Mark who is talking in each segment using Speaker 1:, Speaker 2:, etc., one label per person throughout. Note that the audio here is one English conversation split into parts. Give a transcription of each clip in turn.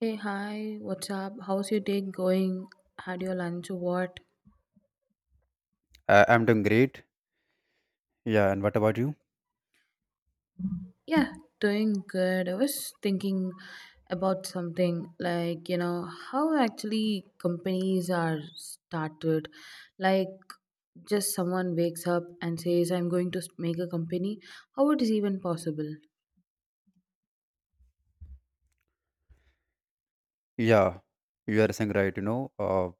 Speaker 1: Hey, hi, what's up? How's your day going? Had your lunch or what?
Speaker 2: I'm doing great. Yeah, and what about you?
Speaker 1: Yeah, doing good. I was thinking about something like, how actually companies are started. Like, just someone wakes up and says, I'm going to make a company. How it is even possible?
Speaker 2: Yeah, you are saying right. You know, uh,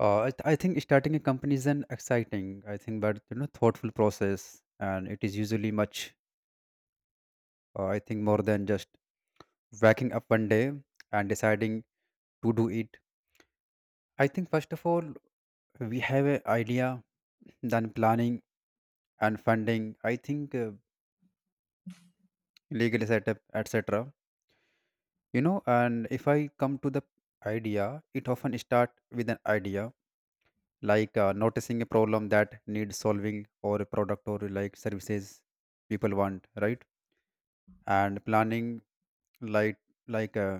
Speaker 2: uh, I, th- I think starting a company is an exciting, I think, but you know, thoughtful process, and it is usually much, I think, more than just waking up one day and deciding to do it. I think first of all, we have an idea, then planning and funding. I think legal setup, etc. You know, and if I come to the idea, it often start with an idea like noticing a problem that needs solving or a product or like services people want, right? And planning, like like,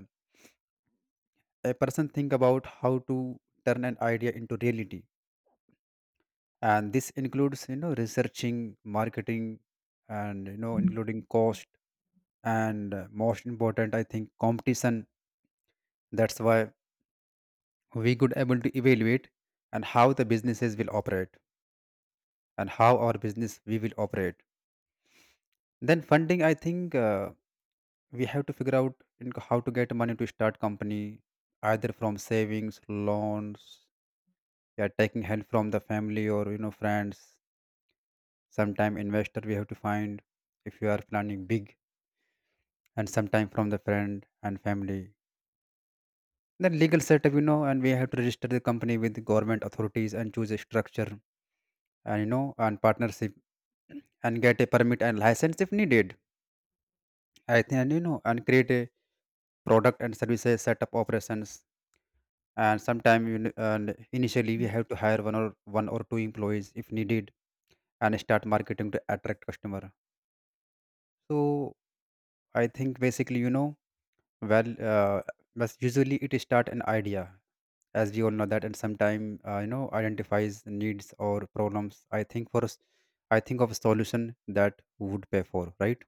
Speaker 2: a person think about how to turn an idea into reality, and this includes, you know, researching marketing and, you know, including cost and, most important, I think, competition. That's why we could able to evaluate and how the businesses will operate and how our business we will operate. Then funding. I think we have to figure out in how to get money to start company, either from savings, loans, yeah, taking help from the family or, you know, friends. Sometime investor we have to find if you are planning big, and sometime from the friend and family. Then legal setup, you know, and we have to register the company with the government authorities and choose a structure, and, you know, and partnership and get a permit and license if needed. I think, and, you know, and create a product and services, setup operations, and sometimes, and initially we have to hire one or two employees if needed, and start marketing to attract customer. So I think basically, you know, well, but usually it start an idea, as we all know that, and sometime, you know, identifies needs or problems, I think, for us. I think of a solution that would pay for, right?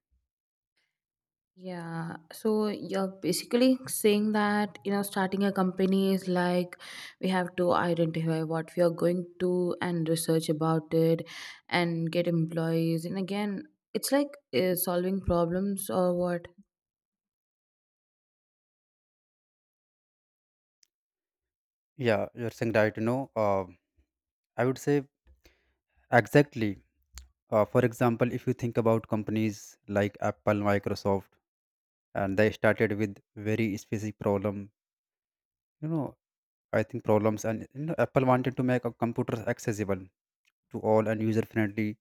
Speaker 1: Yeah, so you're basically saying that starting a company is like we have to identify what we are going to and research about it and get employees and again it's like solving problems or what?
Speaker 2: Yeah, you're saying right. I would say exactly. For example, if you think about companies like Apple, Microsoft, and they started with very specific problem. You know, I think problems, and, you know, Apple wanted to make a computers accessible to all and user friendly.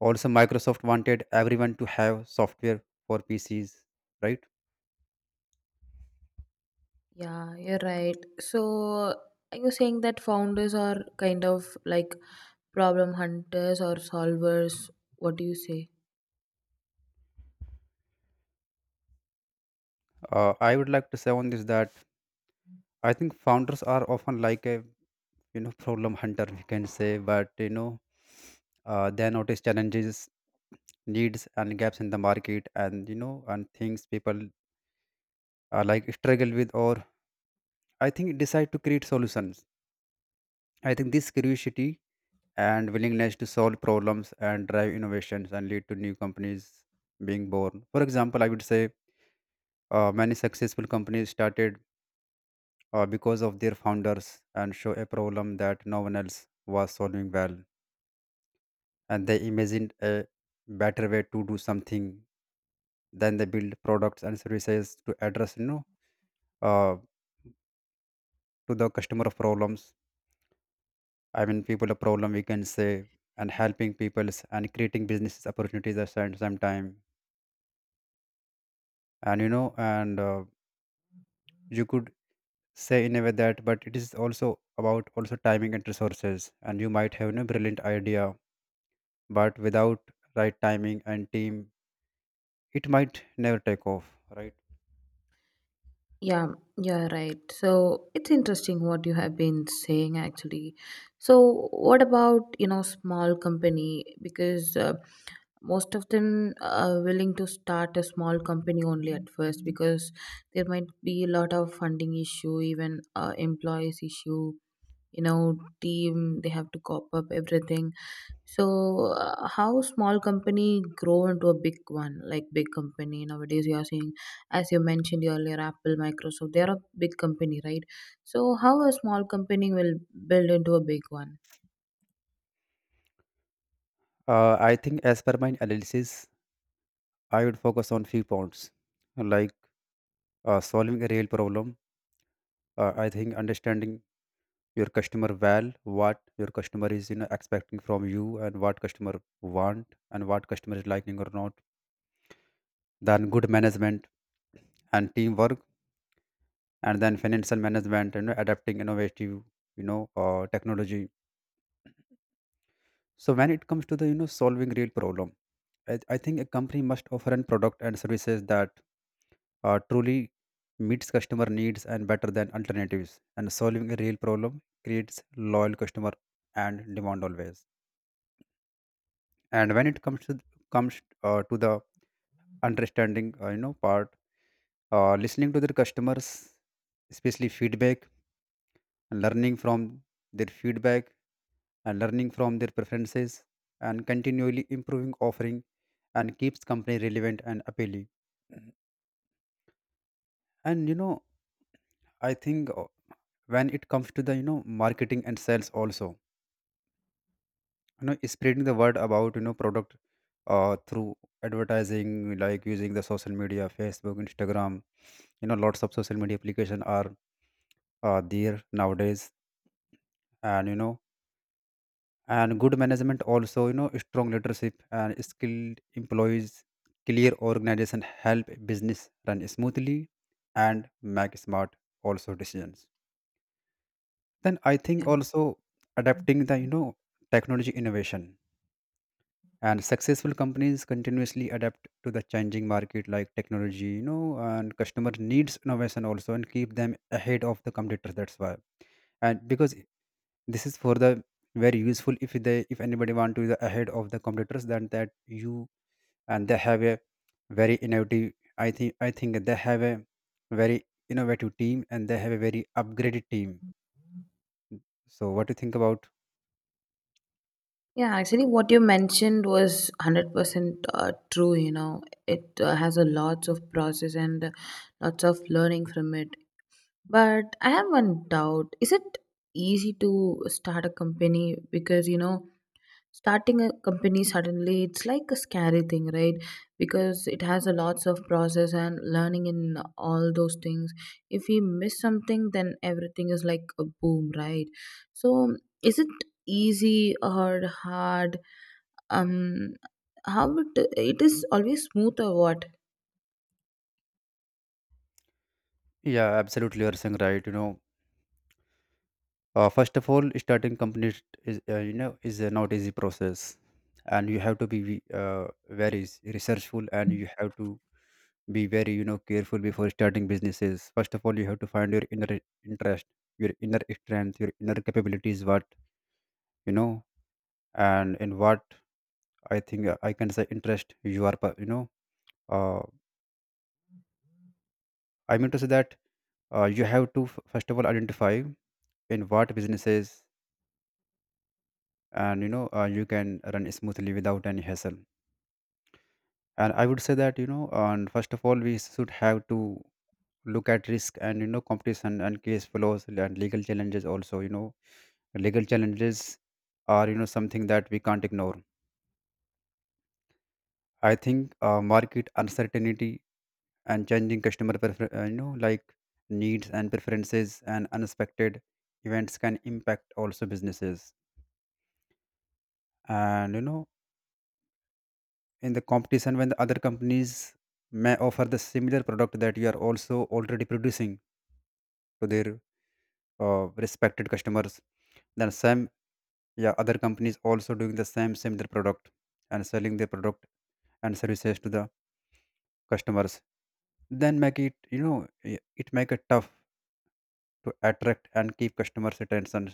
Speaker 2: Also Microsoft wanted everyone to have software for PCs, right?
Speaker 1: Yeah, you're right. So are you saying that founders are kind of like problem hunters or solvers? What do you say?
Speaker 2: I would like to say on this that I think founders are often like a, you know, problem hunter, we can say, but, you know, they notice challenges, needs and gaps in the market, and, you know, and things people like struggle with, or I think decide to create solutions. I think this curiosity and willingness to solve problems and drive innovations and lead to new companies being born. For example, I would say many successful companies started because of their founders and show a problem that no one else was solving well, and they imagined a better way to do something. Then they build products and services to address, you know, uh, to the customer of problems. I mean, people a problem, we can say, and helping peoples and creating business opportunities at the same time, and, you know, and, you could say in a way that, but it is also about also timing and resources, and you might have a brilliant idea, but without right timing and team, it might never take off, right?
Speaker 1: Yeah, you're right. So it's interesting what you have been saying actually. So what about, small company? Because most of them are willing to start a small company only at first because there might be a lot of funding issue, even employees issue, you know, team they have to cop up everything. So how small company grow into a big one, like big company nowadays you are seeing, as you mentioned earlier Apple, Microsoft, they are a big company, right? So how a small company will build into a big one?
Speaker 2: I think, as per my analysis, I would focus on few points like solving a real problem, I think understanding your customer well, what your customer is, you know, expecting from you, and what customer want and what customer is liking or not. Then good management and teamwork, and then financial management, you know, adapting innovative, you know, technology. So when it comes to the, you know, solving real problem, I think a company must offer an product and services that truly meets customer needs and better than alternatives, and solving a real problem creates loyal customer and demand always. And when it comes to comes to the understanding you know part, listening to their customers, especially feedback, learning from their feedback and learning from their preferences and continually improving offering, and keeps company relevant and appealing. And, you know, I think, when it comes to the, you know, marketing and sales also, you know, spreading the word about, you know, product through advertising, like using the social media, Facebook, Instagram, you know, lots of social media application are there nowadays. And, you know, and good management also, you know, strong leadership and skilled employees, clear organization help business run smoothly and make smart also decisions. Then I think
Speaker 1: yeah
Speaker 2: also adapting the, you know, technology innovation. And successful companies continuously adapt to the changing market, like technology, you know, and customer needs, innovation also, and keep them ahead of the competitors. That's why, and because this is for the very useful if they, if anybody want to be the ahead of the competitors, then that you, and they have a very innovative, I think, they have a very innovative team, and they have a very upgraded team. So what do you think about?
Speaker 1: yeah actually what you mentioned was 100% true, you know, it has a lots of process and lots of learning from it. But I have one doubt. Is it easy to start a company? Because, you know, starting a company suddenly, it's like a scary thing, right? Because it has a lots of process and learning in all those things. If we miss something, then everything is like a boom, right? So is it easy or hard? Um, how it is always smooth or what?
Speaker 2: Yeah, absolutely. You're saying right, you know. First of all, starting company is, you know, is a not easy process, and you have to be very researchful, and you have to be very, you know, careful before starting businesses. First of all, you have to find your inner interest, your inner strength, your inner capabilities, what, you know, and in what, I think, I can say, interest you are you know, uh, I mean to say that you have to first of all identify in what businesses, and, you know, you can run smoothly without any hassle. And I would say that, you know, and first of all, we should have to look at risk, and, you know, competition, and case flows, and legal challenges also. You know, legal challenges are, you know, something that we can't ignore. I think market uncertainty and changing customer you know, like needs and preferences and unexpected events can impact also businesses. And, you know, in the competition, when the other companies may offer the similar product that you are also already producing to their respected customers, then some, yeah, other companies also doing the same same their product and selling their product and services to the customers, then make it, you know, it make it tough to attract and keep customers attention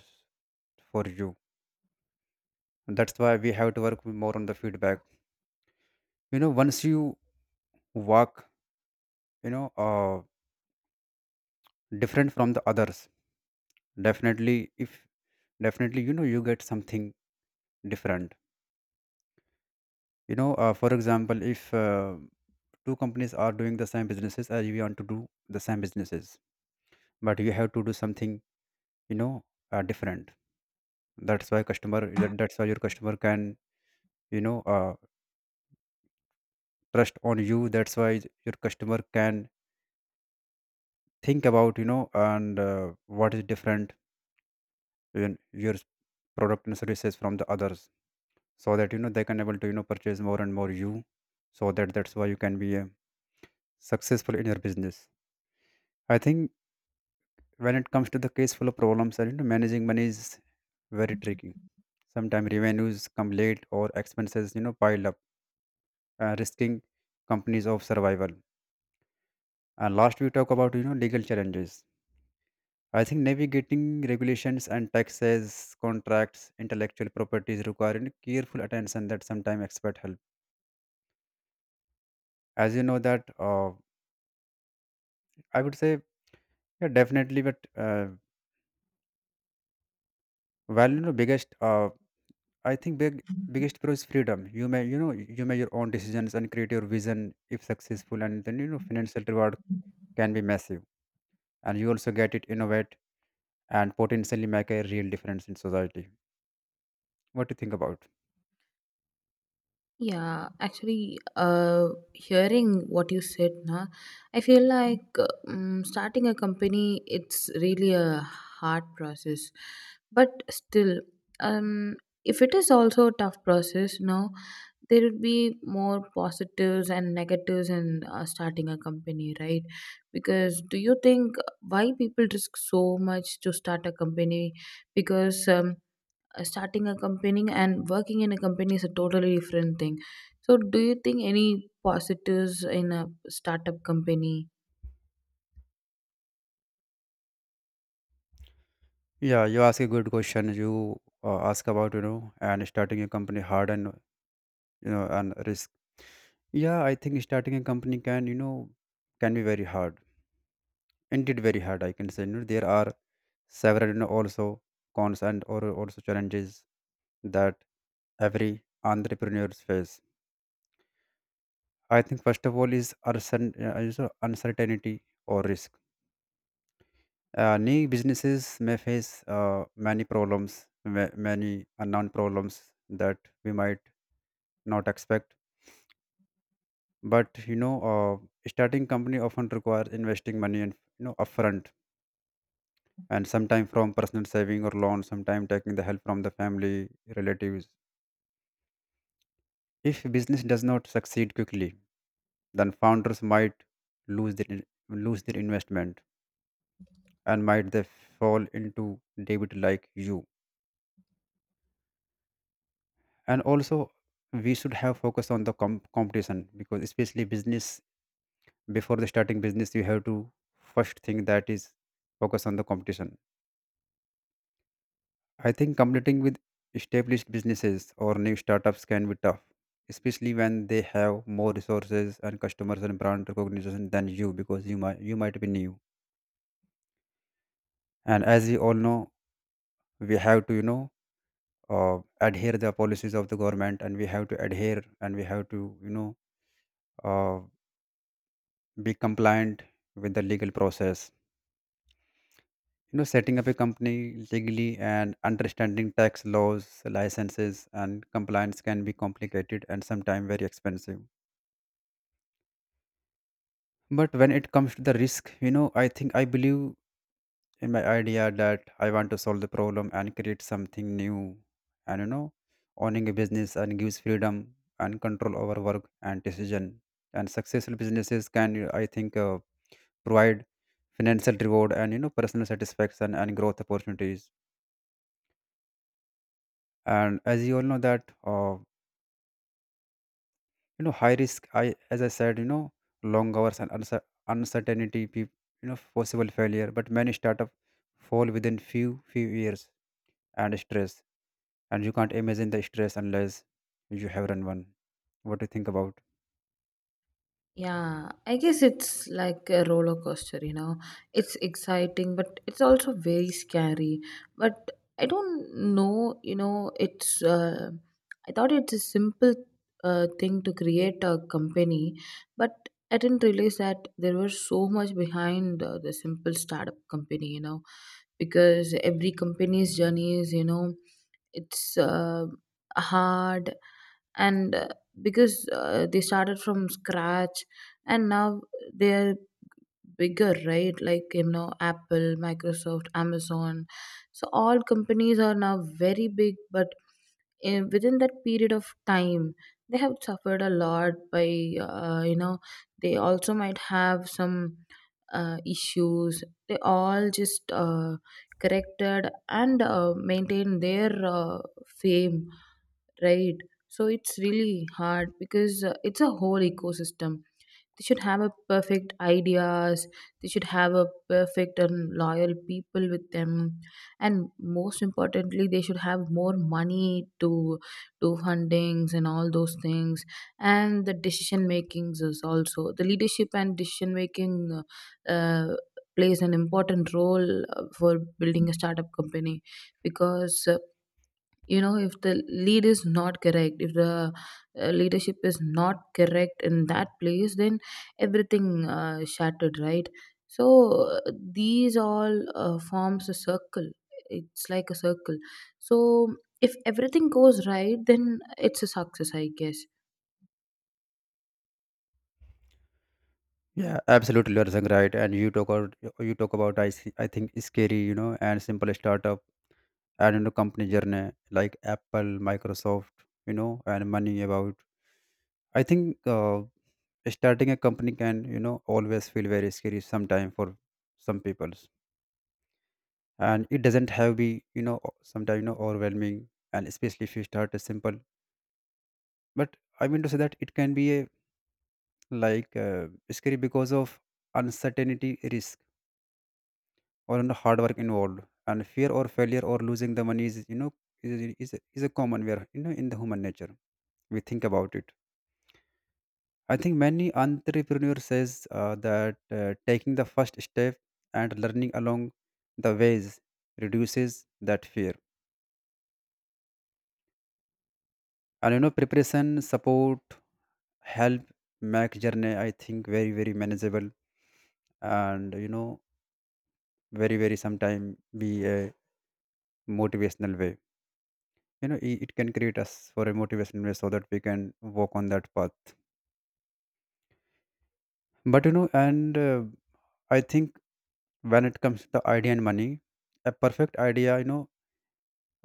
Speaker 2: for you. That's why we have to work more on the feedback. You know, once you walk, you know, different from the others, definitely, if definitely, you know, you get something different. You know, for example, if two companies are doing the same businesses as we want to do the same businesses, but you have to do something, you know, different. That's why customer, that's why your customer can, you know, trust on you. That's why your customer can think about, you know, and, what is different in your product and services from the others, so that, you know, they can able to, you know, purchase more and more you, so that that's why you can be successful in your business. I think when it comes to the case full of problems, and, you know, managing money is very tricky. Sometimes revenues come late, or expenses, you know, pile up, risking companies of survival. And last, we talk about, you know, legal challenges. I think navigating regulations and taxes, contracts, intellectual properties requiring careful attention, that sometimes expert help. As you know that, I would say, yeah, definitely, but, well, you know, biggest I think big biggest pro is freedom. You may, you know, you make your own decisions and create your vision. If successful, and then, you know, financial reward can be massive, and you also get it innovate and potentially make a real difference in society. What do you think about?
Speaker 1: Yeah, actually, hearing what you said, na, I feel like starting a company it's really a hard process, but still, um, if it is also a tough process, no, there would be more positives and negatives in starting a company, right? Because do you think why people risk so much to start a company? Because starting a company and working in a company is a totally different thing, so do you think any positives in a startup company?
Speaker 2: Yeah, you ask a good question. You ask about, you know, and starting a company hard and, you know, and risk. Yeah, I think starting a company can, you know, can be very hard. Indeed, very hard. I can say, you know, there are several, you know, also cons and, or also challenges that every entrepreneurs face. I think first of all is uncertainty or risk. New businesses may face many problems, many unknown problems that we might not expect. But, you know, starting company often requires investing money and, you know, upfront, and sometimes from personal saving or loan, sometimes taking the help from the family relatives. If business does not succeed quickly, then founders might lose their investment and might they fall into debit like you. And also we should have focus on the competition, because especially business, before the starting business you have to, first thing that is, focus on the competition. I think competing with established businesses or new startups can be tough, especially when they have more resources and customers and brand recognition than you, because you might be new. And as we all know, we have to, you know, adhere the policies of the government, and we have to adhere and we have to, you know, uh, be compliant with the legal process. You know, setting up a company legally and understanding tax laws, licenses, and compliance can be complicated and sometimes very expensive. But when it comes to the risk, you know, I think I believe in my idea, that I want to solve the problem and create something new. And you know, owning a business and gives freedom and control over work and decision. And successful businesses can, I think, provide financial reward and you know personal satisfaction and growth opportunities. And as you all know that you know, high risk, i as i said, you know, long hours and uncertainty, you know, possible failure, but many startup fall within few years. And stress, and you can't imagine the stress unless you have run one. What do you think about?
Speaker 1: Yeah, I guess it's like a roller coaster, you know. It's exciting, but it's also very scary. But I don't know, you know, it's I thought it's a simple thing to create a company, but I didn't realize that there was so much behind the simple startup company, you know, because every company's journey is, you know, it's hard, and because they started from scratch and now they're bigger, right? Like, you know, Apple, Microsoft, Amazon. So all companies are now very big, but in, within that period of time they have suffered a lot by you know, they also might have some issues. They all just corrected and maintained their fame, right? So it's really hard because it's a whole ecosystem. They should have a perfect ideas, they should have a perfect and loyal people with them, and most importantly they should have more money to do fundings and all those things. And the decision makings is also the leadership, and decision making uh, plays an important role for building a startup company. Because you know, if the lead is not correct, if the leadership is not correct in that place, then everything shattered, right? So uh, these all forms a circle, it's like a circle. So if everything goes right, then it's a success, I guess.
Speaker 2: Yeah, absolutely, you're saying right. And you talk about, you talk about, I see, I think scary, you know, and simple startup, and you know, company journey like Apple, Microsoft, you know, and money about. I think starting a company can, you know, always feel very scary sometime for some peoples, and it doesn't have be, you know, sometimes, you know, overwhelming, and especially if you start a simple. But I mean to say that it can be a like scary because of uncertainty risk, or you know, hard work involved, and fear or failure or losing the money, is you know, is, is a common where, you know, in the human nature we think about it. I think many entrepreneurs says that taking the first step and learning along the ways reduces that fear. And you know, preparation, support, help make journey, I think, very very manageable, and you know, very very sometime be a motivational way. You know, it can create us for a motivational way so that we can walk on that path. But you know, and I think when it comes to the idea and money, a perfect idea, you know,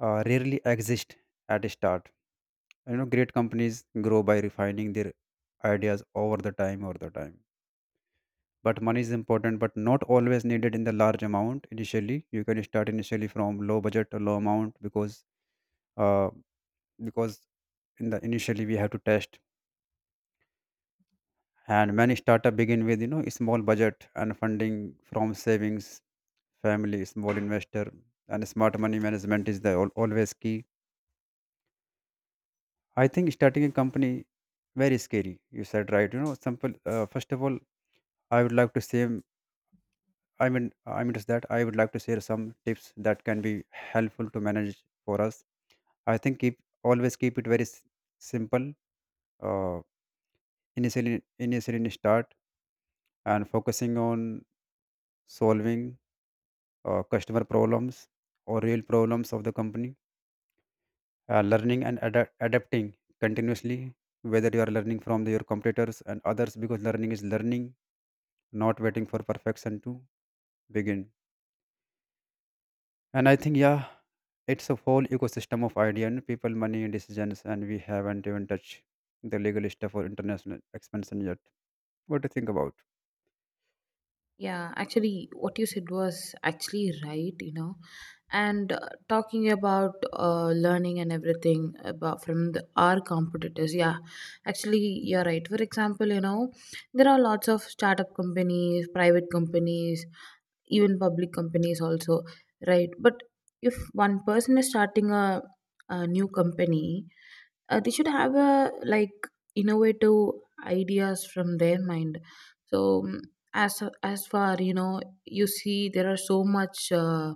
Speaker 2: rarely exist at a start. You know, great companies grow by refining their ideas over the time over the time. But money is important, but not always needed in the large amount initially. You can start initially from low budget to low amount, because uh, because in the initially we have to test. And many startup begin with, you know, a small budget and funding from savings, family, small investor. And smart money management is the always key. I think starting a company, very scary. You said right. You know, simple. First of all, I would like to say. Just that I would like to share some tips that can be helpful to manage for us. I think keep always keep it very simple. Uh, initially in start, and focusing on solving customer problems or real problems of the company. Learning and adapting continuously, whether you are learning from your competitors and others, because learning is learning, not waiting for perfection to begin. And I think, yeah, it's a whole ecosystem of idea and people, money, and decisions, and we haven't even touched the legal stuff or international expansion yet. What do you think about?
Speaker 1: Yeah, actually, what you said was actually right, you know. And talking about learning and everything about from our competitors, yeah, actually, you're right. For example, you know, there are lots of startup companies, private companies, even public companies also, right? But if one person is starting a new company, they should have a like innovative ideas from their mind. So mm, as far you know, you see there are so much uh,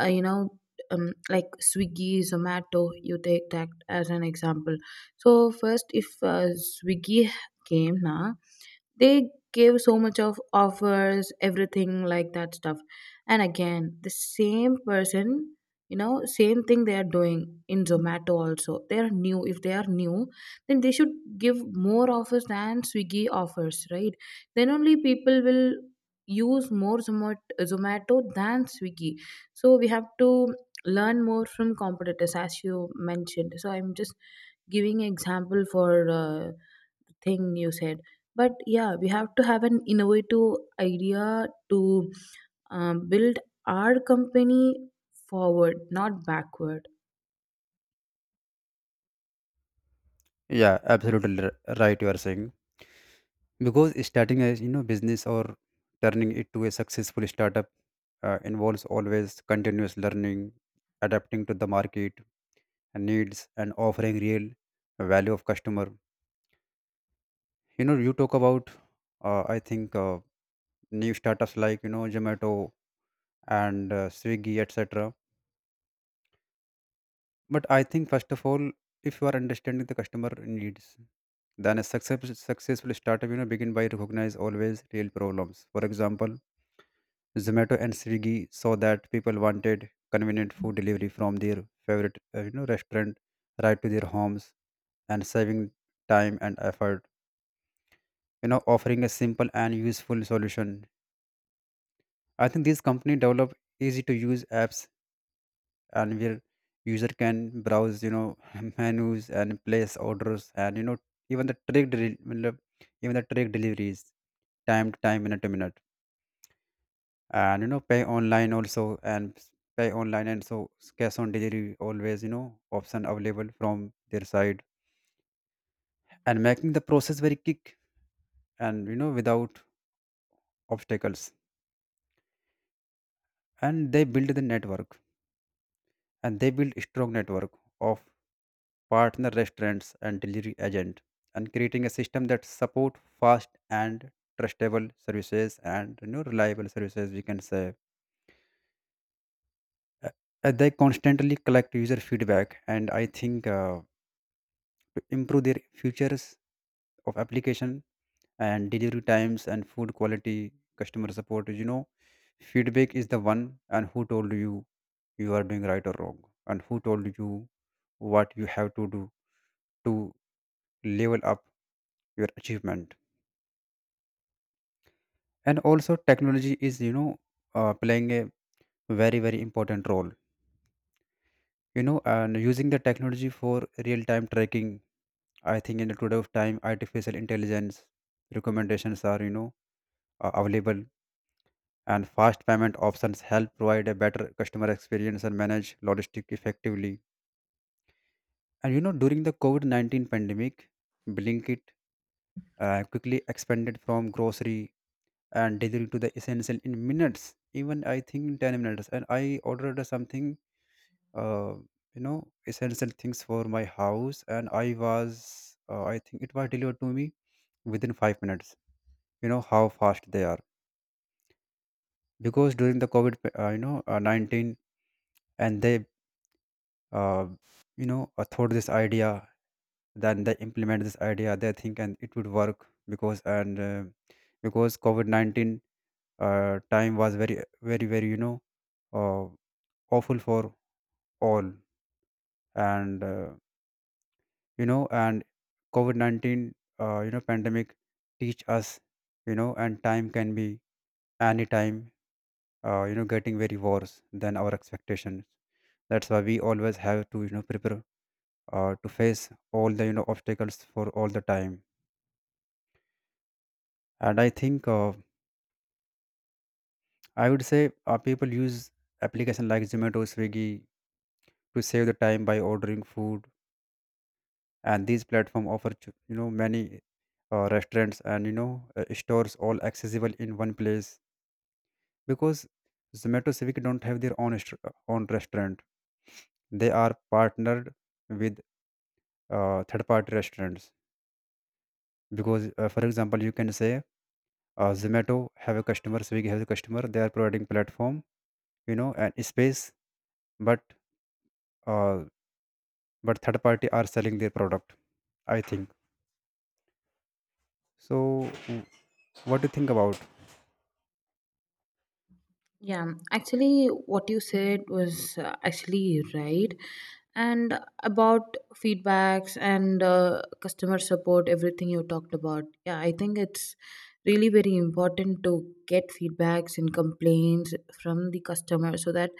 Speaker 1: uh, you know, like Swiggy, Zomato, you take that as an example. So first if Swiggy came now, they gave so much of offers everything like that stuff, and again the same person, you know, same thing they are doing in Zomato also. They are new. If they are new, then they should give more offers than Swiggy offers, right? Then only people will use more Zomato than Swiggy. So we have to learn more from competitors as you mentioned. So I'm just giving example for uh, thing you said, but yeah, we have to have an innovative idea to build our company forward, not backward.
Speaker 2: Yeah, absolutely right, you are saying. Because starting a you know business, or turning it to a successful startup, involves always continuous learning, adapting to the market needs, and offering real value of customer. You know, you talk about, I think new startups like, you know, Zomato and Swiggy, etc. But I think first of all, if you are understanding the customer needs, then a successful startup, you know, begin by recognize always real problems. For example, Zomato and Swiggy saw that people wanted convenient food delivery from their favorite you know, restaurant, right to their homes, and saving time and effort. You know, offering a simple and useful solution, I think these company develop easy to use apps, and where user can browse, you know, menus and place orders, and you know, even the even the track deliveries time to time, minute to minute. And you know, pay online also, and s- pay online and so s- cash on delivery, always, you know, option available from their side. And making the process very quick, and you know, without obstacles. And they build a strong network of partner restaurants and delivery agent, and creating a system that support fast and trustable services, and you know, reliable services, we can say. Uh, they constantly collect user feedback, and I think to improve their features of application, and delivery times, and food quality, customer support. You know, feedback is the one, and who told you you are doing right or wrong, and who told you what you have to do to level up your achievement. And also technology is, you know, playing a very very important role. You know, and using the technology for real time tracking, I think in the today of time, artificial intelligence recommendations are, you know, available, and fast payment options help provide a better customer experience and manage logistic effectively. And you know, during the covid-19 pandemic, Blinkit quickly expanded from grocery and delivery to the essential in minutes, even I think 10 minutes. And I ordered something, uh, you know, essential things for my house, and I was, I think it was delivered to me within 5 minutes. You know how fast they are, because during the covid, 19, and they uh, you know, thought this idea, then they implement this idea, they think and it would work. Because and because covid-19 time was very very very, you know, Uh, awful for all. And you know, and COVID 19, you know, pandemic teach us, you know, and time can be any time, you know, getting very worse than our expectations. That's why we always have to, you know, prepare to face all the you know obstacles for all the time. And I think I would say people use application like Zomato, Swiggy, to save the time by ordering food. And these platforms offer you know, many restaurants and you know stores, all accessible in one place. Because Zomato Civic don't have their own own restaurant. They are partnered with third party restaurants. Because for example you can say, Zomato have a customer, Swiggy has a customer. They are providing platform, you know, and space, but uh, third party are selling their product, I think so. What do you think about?
Speaker 1: Yeah, actually, what you said was actually right. And about feedbacks and customer support, everything you talked about. Yeah, I think it's really very important to get feedbacks and complaints from the customer, so that,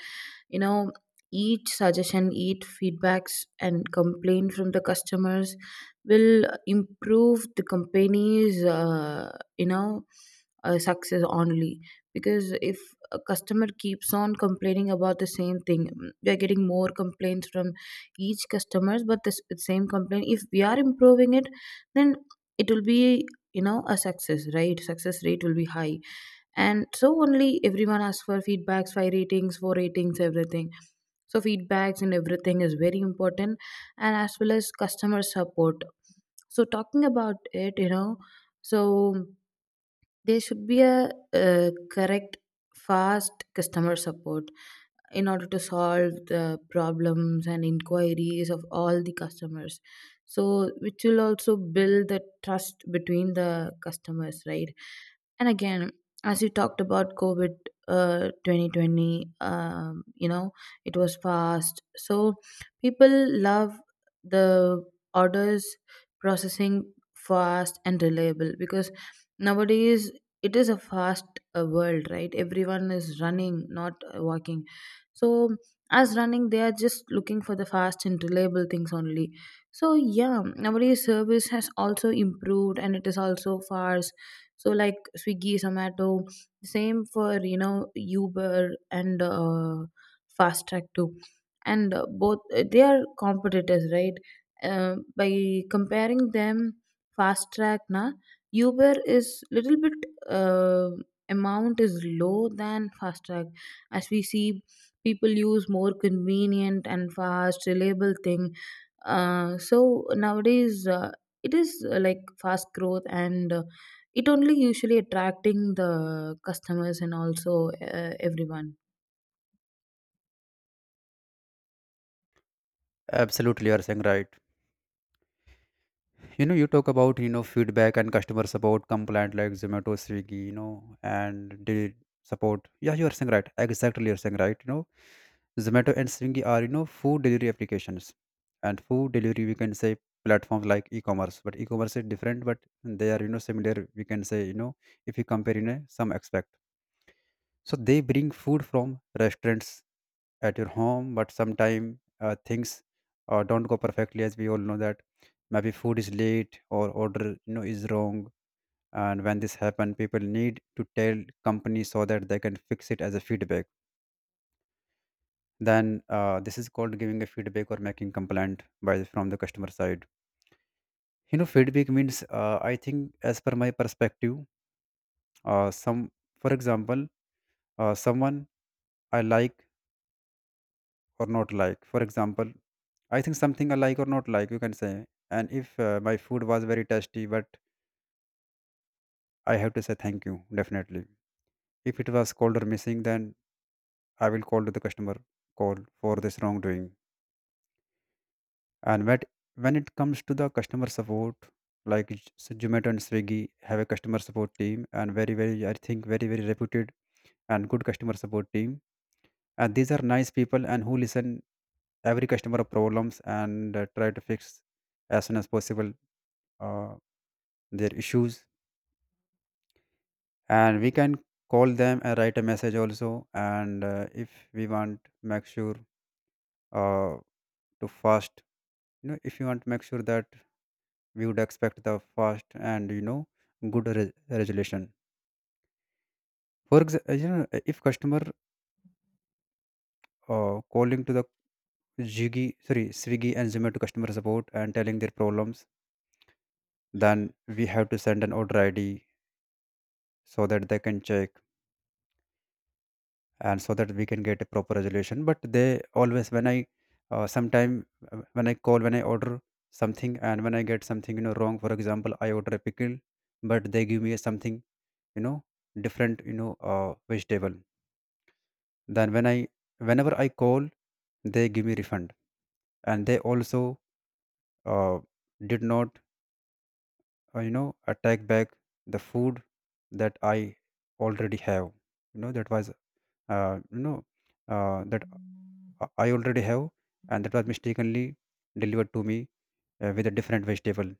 Speaker 1: you know, each suggestion, each feedbacks and complaint from the customers will improve the company's, success only. Because if a customer keeps on complaining about the same thing, mm, we are getting more complaints from each customers, but this same complaint, if we are improving it, then it will be, you know, a success, right? Success rate will be high. And so only everyone asks for feedbacks, five ratings, four ratings, everything. So feedbacks and everything is very important, and as well as customer support. So talking about it, you know, so there should be a correct, fast customer support in order to solve the problems and inquiries of all the customers, so which will also build the trust between the customers, right? And again, as you talked about COVID 2020, you know, it was fast, so people love the orders processing fast and reliable, because nowadays it is a fast world, right? Everyone is running, not walking. So as running, they are just looking for the fast and reliable things only. So yeah, nowadays service has also improved and it is also fast. So like Swiggy, Zomato, same for, you know, Uber and Fast Track too, and both they are competitors, right? By comparing them, Fast Track na Uber is little bit uh, amount is low than Fast Track. As we see, people use more convenient and fast reliable thing. So nowadays it is like fast growth, and it only usually attracting the customers, and also everyone.
Speaker 2: Absolutely, you are saying right. You know, you talk about, you know, feedback and customer support complaint, like Zomato, Swiggy, you know, and delivery support. Yeah, you are saying right, exactly, you're saying right, you know. Zomato and Swiggy are, you know, food delivery applications, and food delivery we can say, platforms like e-commerce, but e-commerce is different, but they are, you know, similar, we can say, you know, if you compare in a some aspect. So they bring food from restaurants at your home, but sometimes things don't go perfectly, as we all know, that maybe food is late, or order, you know, is wrong. And when this happen, people need to tell company so that they can fix it, as a feedback. Then this is called giving a feedback, or making complaint by from the customer side. You know, feedback means, I think, as per my perspective, some, for example, someone I like or not like. For example, I think something I like or not like, you can say. And if my food was very tasty, but I have to say thank you, definitely. If it was cold or missing, then I will call to the customer, call for this wrongdoing. And when it comes to the customer support, like Zomato and Swiggy have a customer support team, and very, very, I think, very, very reputed and good customer support team. And these are nice people and who listen every customer problems and try to fix as soon as possible uh, their issues. And we can call them and write a message also, and if we want make sure uh, to fast, if you want to make sure that we would expect the fast and good resolution. For example, if customer calling to the Swiggy and Zomato customer support and telling their problems, then we have to send an order ID so that they can check, and so that we can get a proper resolution. But they always when I sometime when I call when I order something and when I get something, wrong. For example, I order a pickle but they give me something, you know different, vegetable. Then whenever I call, they give me refund. And they also uh, did not, attack back the food that I already have, that was, uh, you know that I already have, and that was mistakenly delivered to me with a different vegetable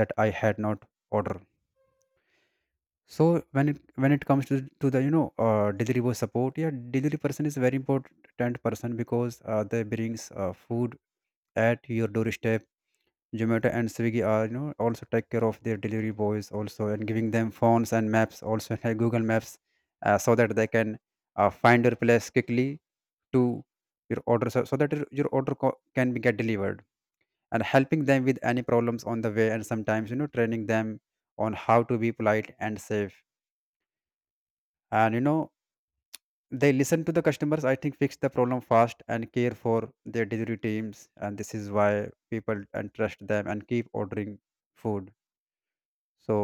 Speaker 2: that I had not ordered. So when it comes to the delivery boy support, yeah, delivery person is very important person because they brings food at your doorstep. Zomato and Swiggy are, also take care of their delivery boys also, and giving them phones and maps also like Google Maps, so that they can find your place quickly to your order, so that your order can be get delivered, and helping them with any problems on the way, and sometimes, training them on how to be polite and safe, and they listen to the customers, I think, fix the problem fast and care for their delivery teams. And this is why people and trust them and keep ordering food. So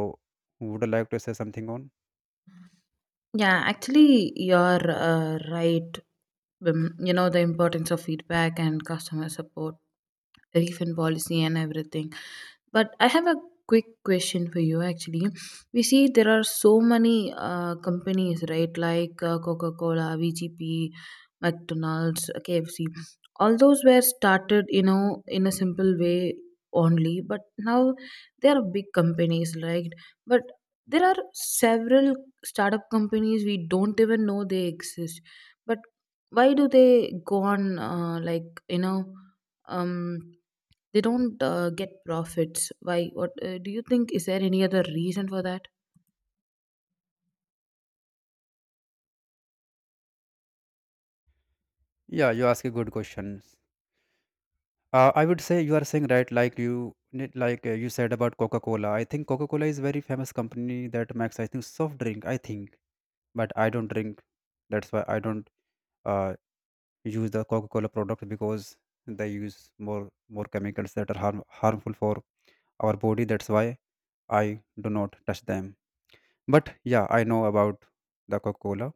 Speaker 2: would I like to say something on?
Speaker 1: Yeah, actually, you're right. You know, the importance of feedback and customer support, refund policy, and everything. But I have a quick question for you actually. We see there are so many companies, right? Like Coca Cola, VGP, McDonald's, KFC. All those were started, you know, in a simple way only, but now they are big companies, right? But there are several startup companies we don't even know they exist, but why do they go on, like, you know, um they don't get profits? Why? What do you think, is there any other reason for that?
Speaker 2: Yeah, you ask a good questions. I would say you are saying right, like you like you said about Coca-Cola. I think Coca-Cola is very famous company that makes, I think, soft drink, I think. But I don't drink. That's why I don't uh, use the Coca-Cola product, because they use more chemicals that are harmful for our body. That's why I do not touch them. But yeah, I know about the Coca-Cola.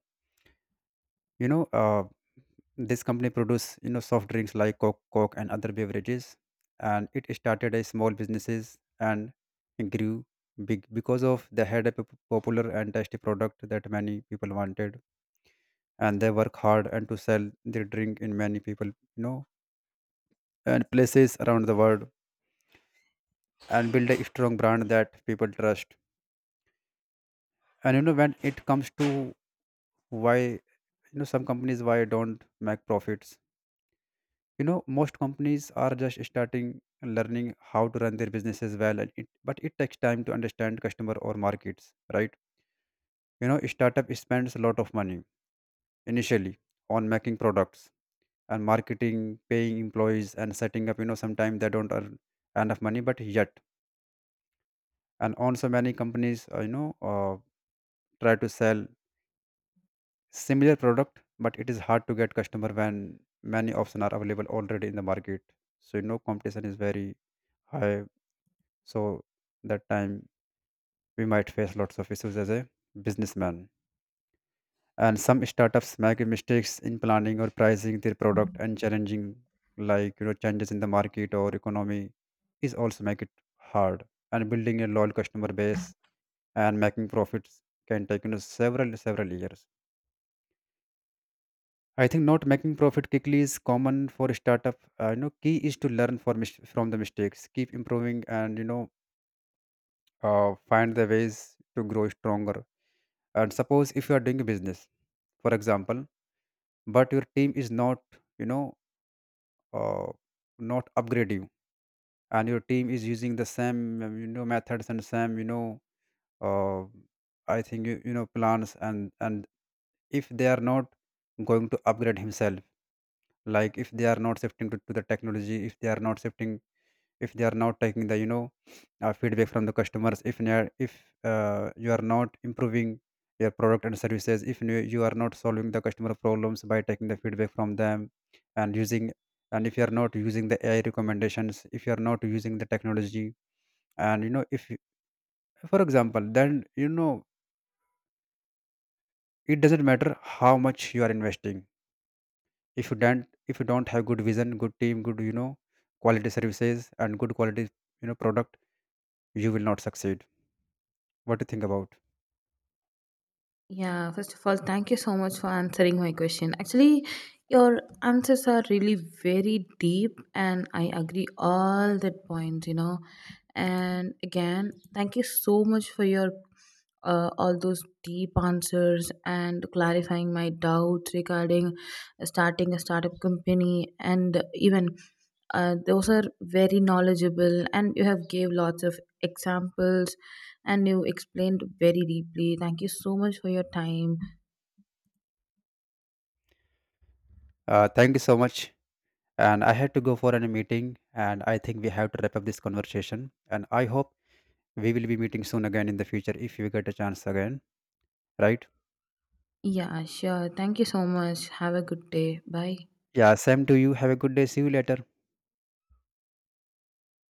Speaker 2: You know, this company produce, soft drinks like Coke and other beverages, and it started as small businesses and grew big because of they had a popular and tasty product that many people wanted. And they work hard and to sell their drink in many people, and places around the world, and build a strong brand that people trust. And when it comes to why some companies why don't make profits, most companies are just starting and learning how to run their businesses well. And it, but it takes time to understand customer or markets, right? You know, startup spends a lot of money initially on making products and marketing, paying employees, and setting up. You know, sometimes they don't earn enough money, but yet. And also many companies, try to sell similar product, but it is hard to get customer when many options are available already in the market. So, competition is very high. So that time we might face lots of issues as a businessman. And some startups make mistakes in planning or pricing their product, and challenging, like, changes in the market or economy is also make it hard. And building a loyal customer base and making profits can take, several years. I think not making profit quickly is common for a startup. You know, key is to learn from from the mistakes, keep improving, and find the ways to grow stronger. And suppose if you are doing a business, for example, but your team is not, you know uh, not upgrade you, and your team is using the same, methods and same, uh, you, you know plans, and if they are not going to upgrade himself, like if they are not shifting to the technology, if they are not shifting, if they are not taking the feedback from the customers, if if you are not improving your product and services, if you are not solving the customer problems by taking the feedback from them and using, and if you are not using the AI recommendations, if you are not using the technology, and if for example, then it doesn't matter how much you are investing, if you don't have good vision, good team, good, quality services and good quality, product, you will not succeed. What do you think about?
Speaker 1: Yeah, first of all, thank you so much for answering my question. Actually, your answers are really very deep and I agree all the points, you know. And again, thank you so much for your all those deep answers and clarifying my doubts regarding starting a startup company, and even those are very knowledgeable and you have gave lots of examples and you explained very deeply. Thank you so much for your time.
Speaker 2: Thank you so much. And I had to go for a meeting, and I think we have to wrap up this conversation. And I hope we will be meeting soon again in the future if you get a chance again, right?
Speaker 1: Yeah, sure, thank you so much, have a good day, bye.
Speaker 2: Yeah, same to you. Have a good day. See you later.